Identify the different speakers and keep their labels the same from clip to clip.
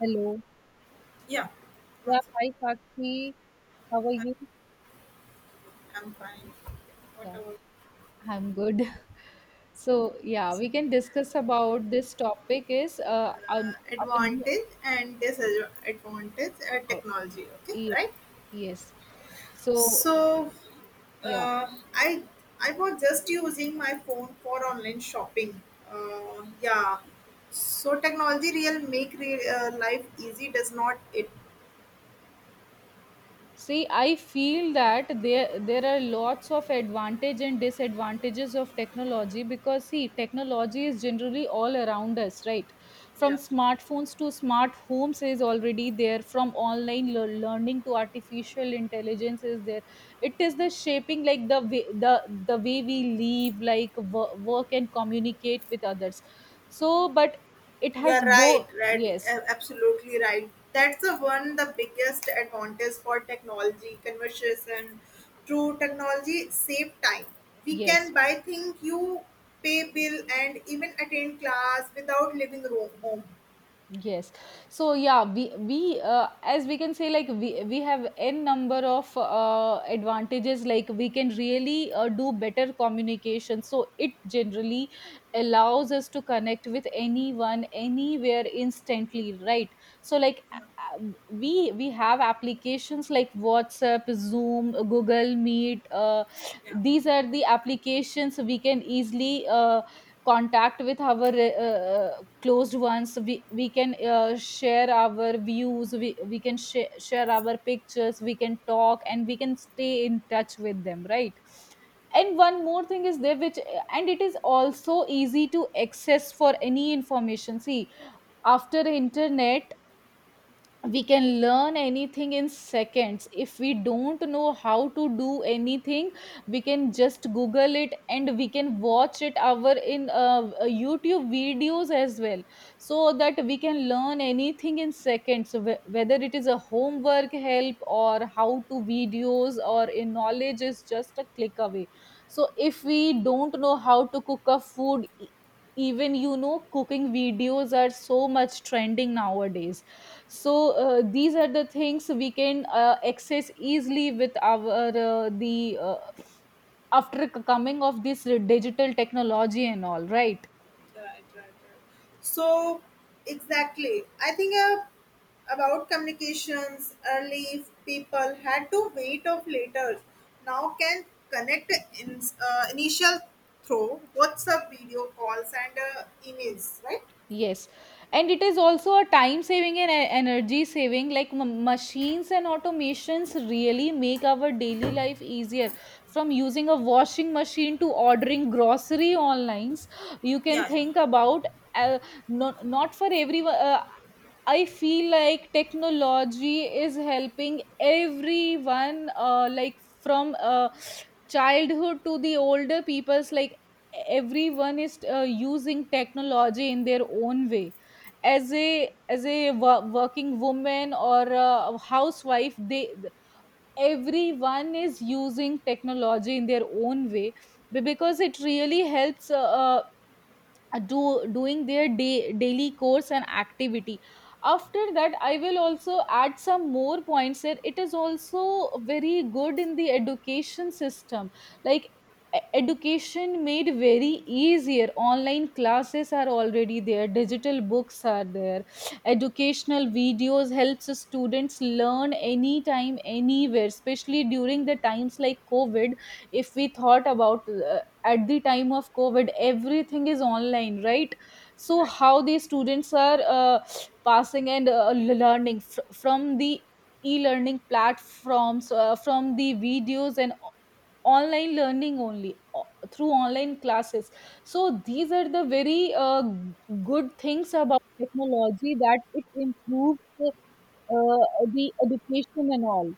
Speaker 1: Hello.
Speaker 2: Yeah, one
Speaker 1: Yeah,
Speaker 2: second.
Speaker 1: hi Sakshi. How are you?
Speaker 2: I'm fine. What
Speaker 1: Yeah,
Speaker 2: about
Speaker 1: I'm good. So yeah, we can discuss about this topic is our new
Speaker 2: advantage and disadvantage
Speaker 1: uh,
Speaker 2: technology? Okay,
Speaker 1: ye-
Speaker 2: right.
Speaker 1: yes. So
Speaker 2: So,
Speaker 1: yeah,
Speaker 2: uh, I I was just using my phone for online shopping. Uh, yeah. So technology real make real, life easy, does not it?
Speaker 1: see, I feel that there are lots of advantage and disadvantages of technology because see, technology is generally all around us, right? From
Speaker 2: Yeah.
Speaker 1: smartphones to smart homes is already there. From online learning to artificial intelligence is there. It is the shaping like the way, the way we live, like work and communicate with others. So, but it
Speaker 2: You're
Speaker 1: has
Speaker 2: right,
Speaker 1: both.
Speaker 2: right,
Speaker 1: Yes,
Speaker 2: absolutely right. That's the one the biggest advantage for technology conversation. Through technology, save time. We can
Speaker 1: yes,
Speaker 2: buy things, you pay bill, and even attend class without leaving room home.
Speaker 1: yes. So yeah, we as we can say like we have n number of advantages like we can really do better communication. So it generally allows us to connect with anyone anywhere instantly, right? So like we have applications like WhatsApp, Zoom, Google Meet. These are the applications we can easily contact with our closed ones, we can share our views, we can share our pictures, we can talk and we can stay in touch with them, right? And one more thing is there which, and it is also easy to access for any information. See, after internet we can learn anything in seconds. If we don't know how to do anything, we can just google it and we can watch it our in YouTube videos as well, so that we can learn anything in seconds. So whether it is a homework help or how to videos or in knowledge, is just a click away. So if we don't know how to cook a food, even you know cooking videos are so much trending nowadays. So these are the things we can access easily with our the after coming of this digital technology and all, right.
Speaker 2: Right, right, right. So, exactly. I think about communications early, if people had to wait of letters. Now can connect in, initial through WhatsApp video calls and emails, right?
Speaker 1: Yes, and it is also a time saving and energy saving, like machines and automations really make our daily life easier, from using a washing machine to ordering grocery online. You can
Speaker 2: Yeah, yeah.
Speaker 1: think about uh, not for everyone. I feel like technology is helping everyone, like from childhood to the older people's, like everyone is using technology in their own way. As a working woman or a housewife, they, everyone is using technology in their own way, because it really helps. Do doing their day, daily course and activity. After that, I will also add some more points here. It is also very good in the education system, like education made very easier. Online classes are already there, digital books are there, educational videos helps students learn anytime, anywhere, especially during the times like COVID. If we thought about at the time of COVID, everything is online, right? So
Speaker 2: Right.
Speaker 1: how these students are passing and learning from the e-learning platforms, from the videos and online learning only, through online classes. So these are the very uh, good things about technology, that it improves uh, the education and all.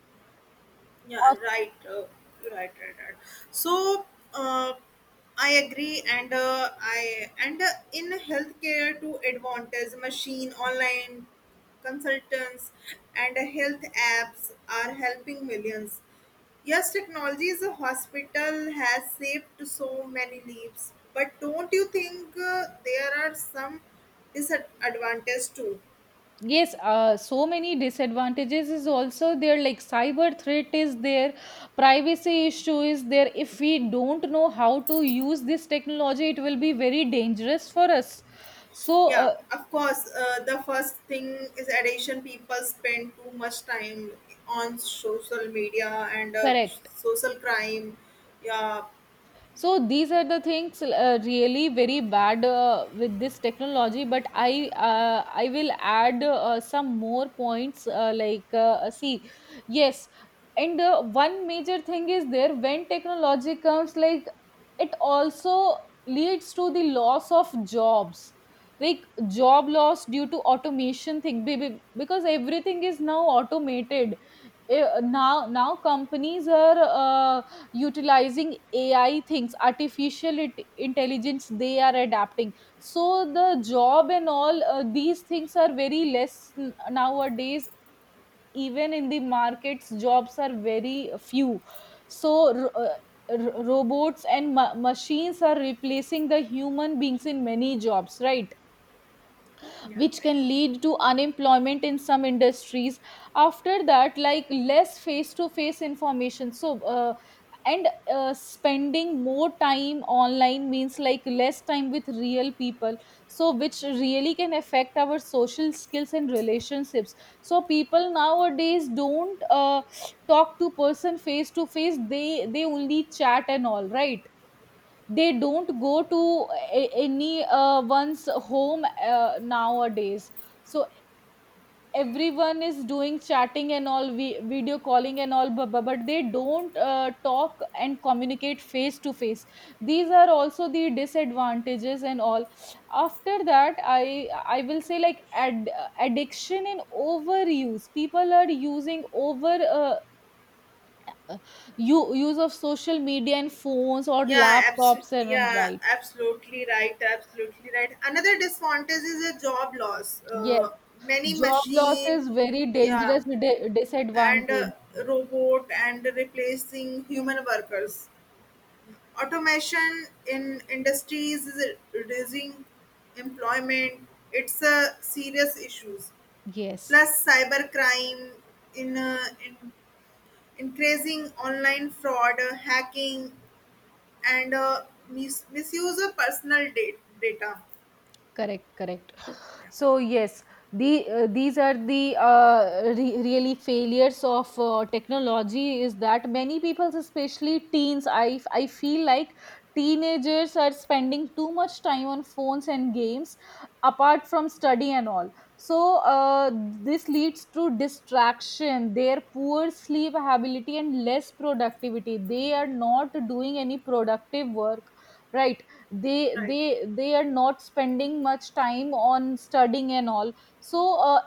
Speaker 2: Yeah, right. Right, right, right. So, uh, I agree, and in healthcare to advantage, machine, online consultants, and health apps are helping millions. Yes, technology is a hospital has saved so many lives, but don't you think there are some disadvantages too?
Speaker 1: Yes, so many disadvantages is also there. Like cyber threat is there, privacy issue is there. If we don't know how to use this technology, it will be very dangerous for us. So,
Speaker 2: Yeah, of course. The first thing is addiction. People spend too much time on social media and
Speaker 1: correct.
Speaker 2: social crime. Yeah,
Speaker 1: So these are the things really very bad with this technology. But I will add some more points, see, yes. And one major thing is there, when technology comes, like it also leads to the loss of jobs, like job loss due to automation thing, because everything is now automated. Eh, now companies are utilizing AI things, artificial intelligence they are adapting. So the job and all these things are very less nowadays. Even in the markets, jobs are very few. So robots and machines are replacing the human beings in many jobs, right,
Speaker 2: yeah,
Speaker 1: which
Speaker 2: right.
Speaker 1: can lead to unemployment in some industries. After that, like less face to face information. So and spending more time online means like less time with real people, so which really can affect our social skills and relationships. So people nowadays don't talk to person face to face, they only chat and all, right. They don't go to any one's home nowadays. So everyone is doing chatting and all, vi- video calling and all, but they don't talk and communicate face to face. These are also the disadvantages and all. After that, I will say like addiction and overuse. People are using over uh, use of social media and phones or
Speaker 2: yeah, abso-
Speaker 1: laptops and,
Speaker 2: yeah,
Speaker 1: right.
Speaker 2: absolutely right. Absolutely right. Another disadvantage is a job loss. Many
Speaker 1: Job loss
Speaker 2: machine,
Speaker 1: is very
Speaker 2: yeah,
Speaker 1: dangerous di
Speaker 2: and
Speaker 1: disadvantage.
Speaker 2: robot and replacing human workers. Automation in industries is reducing employment. It's a serious issues
Speaker 1: Yes,
Speaker 2: plus cyber crime in increasing online fraud hacking and misuse of personal data.
Speaker 1: correct, correct.
Speaker 2: Yeah,
Speaker 1: So yes, these are the really failures of technology, is that many people, especially teens, I feel like teenagers are spending too much time on phones and games apart from study and all. So this leads to distraction, their poor sleep ability and less productivity. They are not doing any productive work, right. they
Speaker 2: right,
Speaker 1: they they are not spending much time on studying and all. So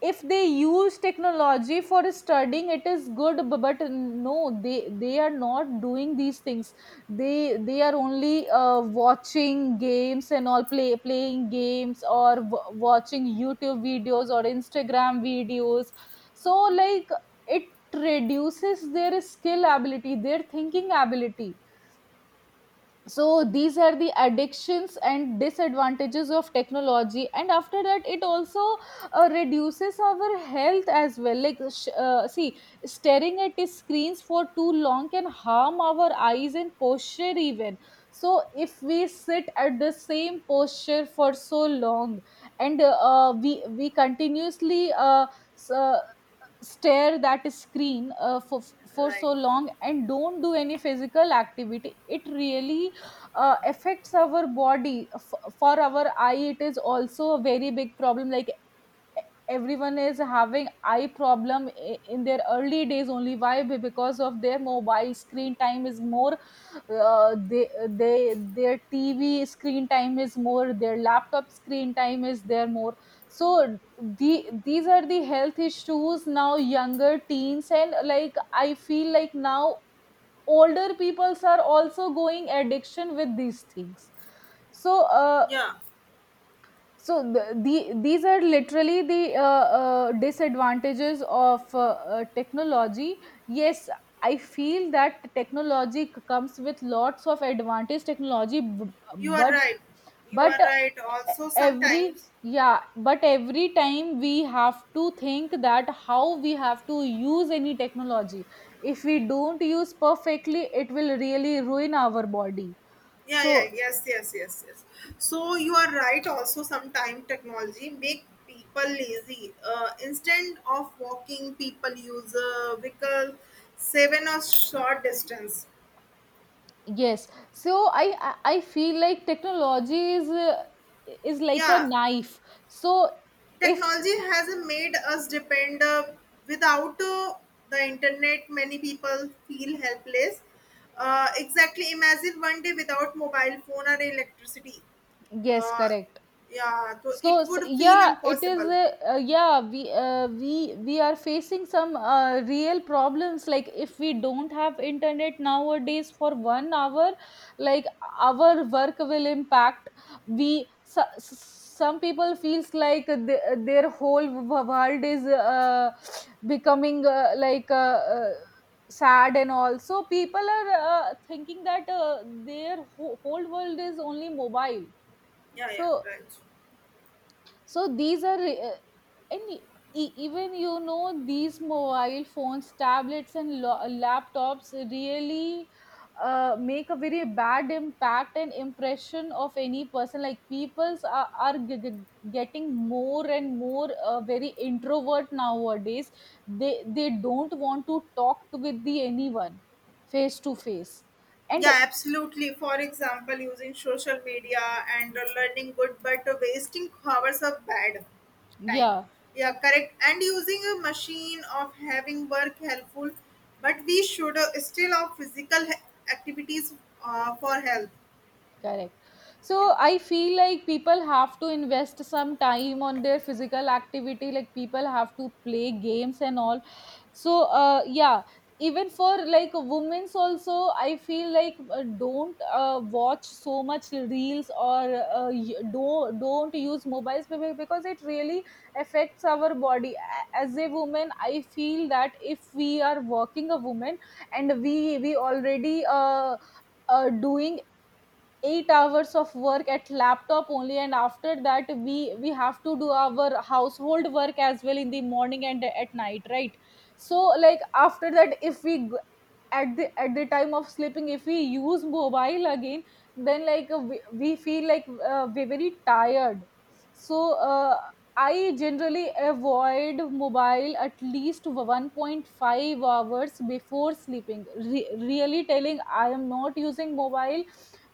Speaker 1: if they use technology for studying, it is good, but no, they are not doing these things. They are only watching games and all, playing games or watching YouTube videos or Instagram videos. So like it reduces their skill ability, their thinking ability. So these are the addictions and disadvantages of technology. And after that, it also reduces our health as well, like see, staring at the screens for too long can harm our eyes and posture even. So if we sit at the same posture for so long and we continuously s- uh, stare that screen for
Speaker 2: right.
Speaker 1: so long and don't do any physical activity, it really affects our body. For our eye it is also a very big problem. Like everyone is having eye problem in their early days only. Why? Because of their mobile screen time is more. They their TV screen time is more, their laptop screen time is there more. So the, these are the health issues now. Younger teens and, like, I feel like now older peoples are also going addiction with these things. So
Speaker 2: Yeah,
Speaker 1: so the these are literally the disadvantages of technology. Yes, I feel that technology comes with lots of advantage technology, b-
Speaker 2: you are right, you
Speaker 1: but
Speaker 2: are right
Speaker 1: e-
Speaker 2: also
Speaker 1: every
Speaker 2: sometimes.
Speaker 1: yeah, but every time we have to think that how we have to use any technology. If we don't use perfectly, it will really ruin our body.
Speaker 2: Yeah, yeah,
Speaker 1: So
Speaker 2: yes, yes, yes, yes, so you are right also sometime technology make people lazy, instead of walking people use a vehicle seven or short distance.
Speaker 1: yes, so I feel like technology is like a
Speaker 2: Yeah,
Speaker 1: knife. So if,
Speaker 2: technology has made us depend, without the internet many people feel helpless. Exactly, imagine one day without mobile phone or electricity.
Speaker 1: yes,
Speaker 2: uh,
Speaker 1: correct.
Speaker 2: yeah, so
Speaker 1: So,
Speaker 2: it
Speaker 1: s
Speaker 2: would
Speaker 1: yeah,
Speaker 2: feel
Speaker 1: it is
Speaker 2: impossible.
Speaker 1: a, yeah, we are facing some real problems. Like if we don't have internet nowadays for 1 hour, like our work will impact. We so, some people feels like their whole world is becoming sad, and also people are thinking that their whole world is only mobile.
Speaker 2: Yeah, yeah,
Speaker 1: So,
Speaker 2: right.
Speaker 1: so these are and e- even you know these mobile phones, tablets and laptops really make a very bad impact and impression of any person. Like peoples are getting more and more very introvert nowadays. They don't want to talk to with the anyone face to face. And
Speaker 2: Yeah, absolutely. For example, using social media and learning good, but wasting hours of bad time.
Speaker 1: yeah,
Speaker 2: Yeah, correct. And using a machine of having work helpful, but we should still have physical activities for health.
Speaker 1: correct.
Speaker 2: Yeah.
Speaker 1: So I feel like people have to invest some time on their physical activity. Like people have to play games and all. So yeah, even for like women's also, I feel like don't watch so much reels, or don't use mobiles, because it really affects our body. As a woman, I feel that if we are working a woman, and we already doing 8 hours of work at laptop only, and after that we have to do our household work as well in the morning and at night, right. So like after that, if we g- at the time of sleeping, if we use mobile again, then like we feel like we're very tired. So uh, I generally avoid mobile at least 1.5 hours before sleeping. Really telling, I am not using mobile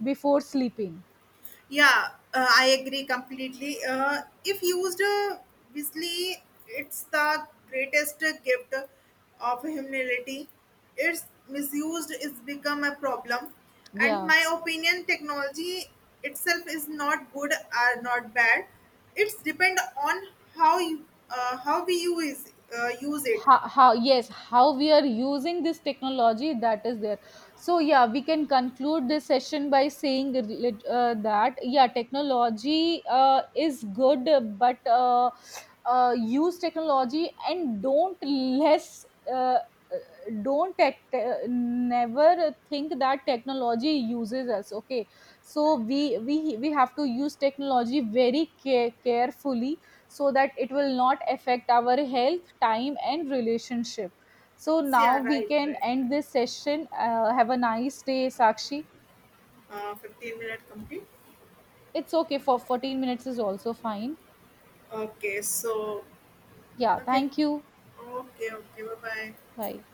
Speaker 1: before sleeping.
Speaker 2: Yeah, I agree completely. If used wisely, it's the greatest gift of humanity. It's misused, it's become a problem. And
Speaker 1: Yeah,
Speaker 2: my opinion, technology itself is not good or not bad. It's depend on how you, how we use use it.
Speaker 1: how yes, how we are using this technology, that is there. So yeah, we can conclude this session by saying that yeah, technology is good, but use technology and don't less uh, uh, don't never think that technology uses us, okay. So we have to use technology very carefully, so that it will not affect our health, time, and relationship. So
Speaker 2: So, yeah,
Speaker 1: now we
Speaker 2: right, right,
Speaker 1: can
Speaker 2: right.
Speaker 1: end this session. Have a nice day, Sakshi.
Speaker 2: 15 minute complete.
Speaker 1: It's okay for 14 minutes is also fine.
Speaker 2: Okay, so
Speaker 1: Yeah,
Speaker 2: okay,
Speaker 1: thank you.
Speaker 2: okay, okay. Bye bye.
Speaker 1: Bye.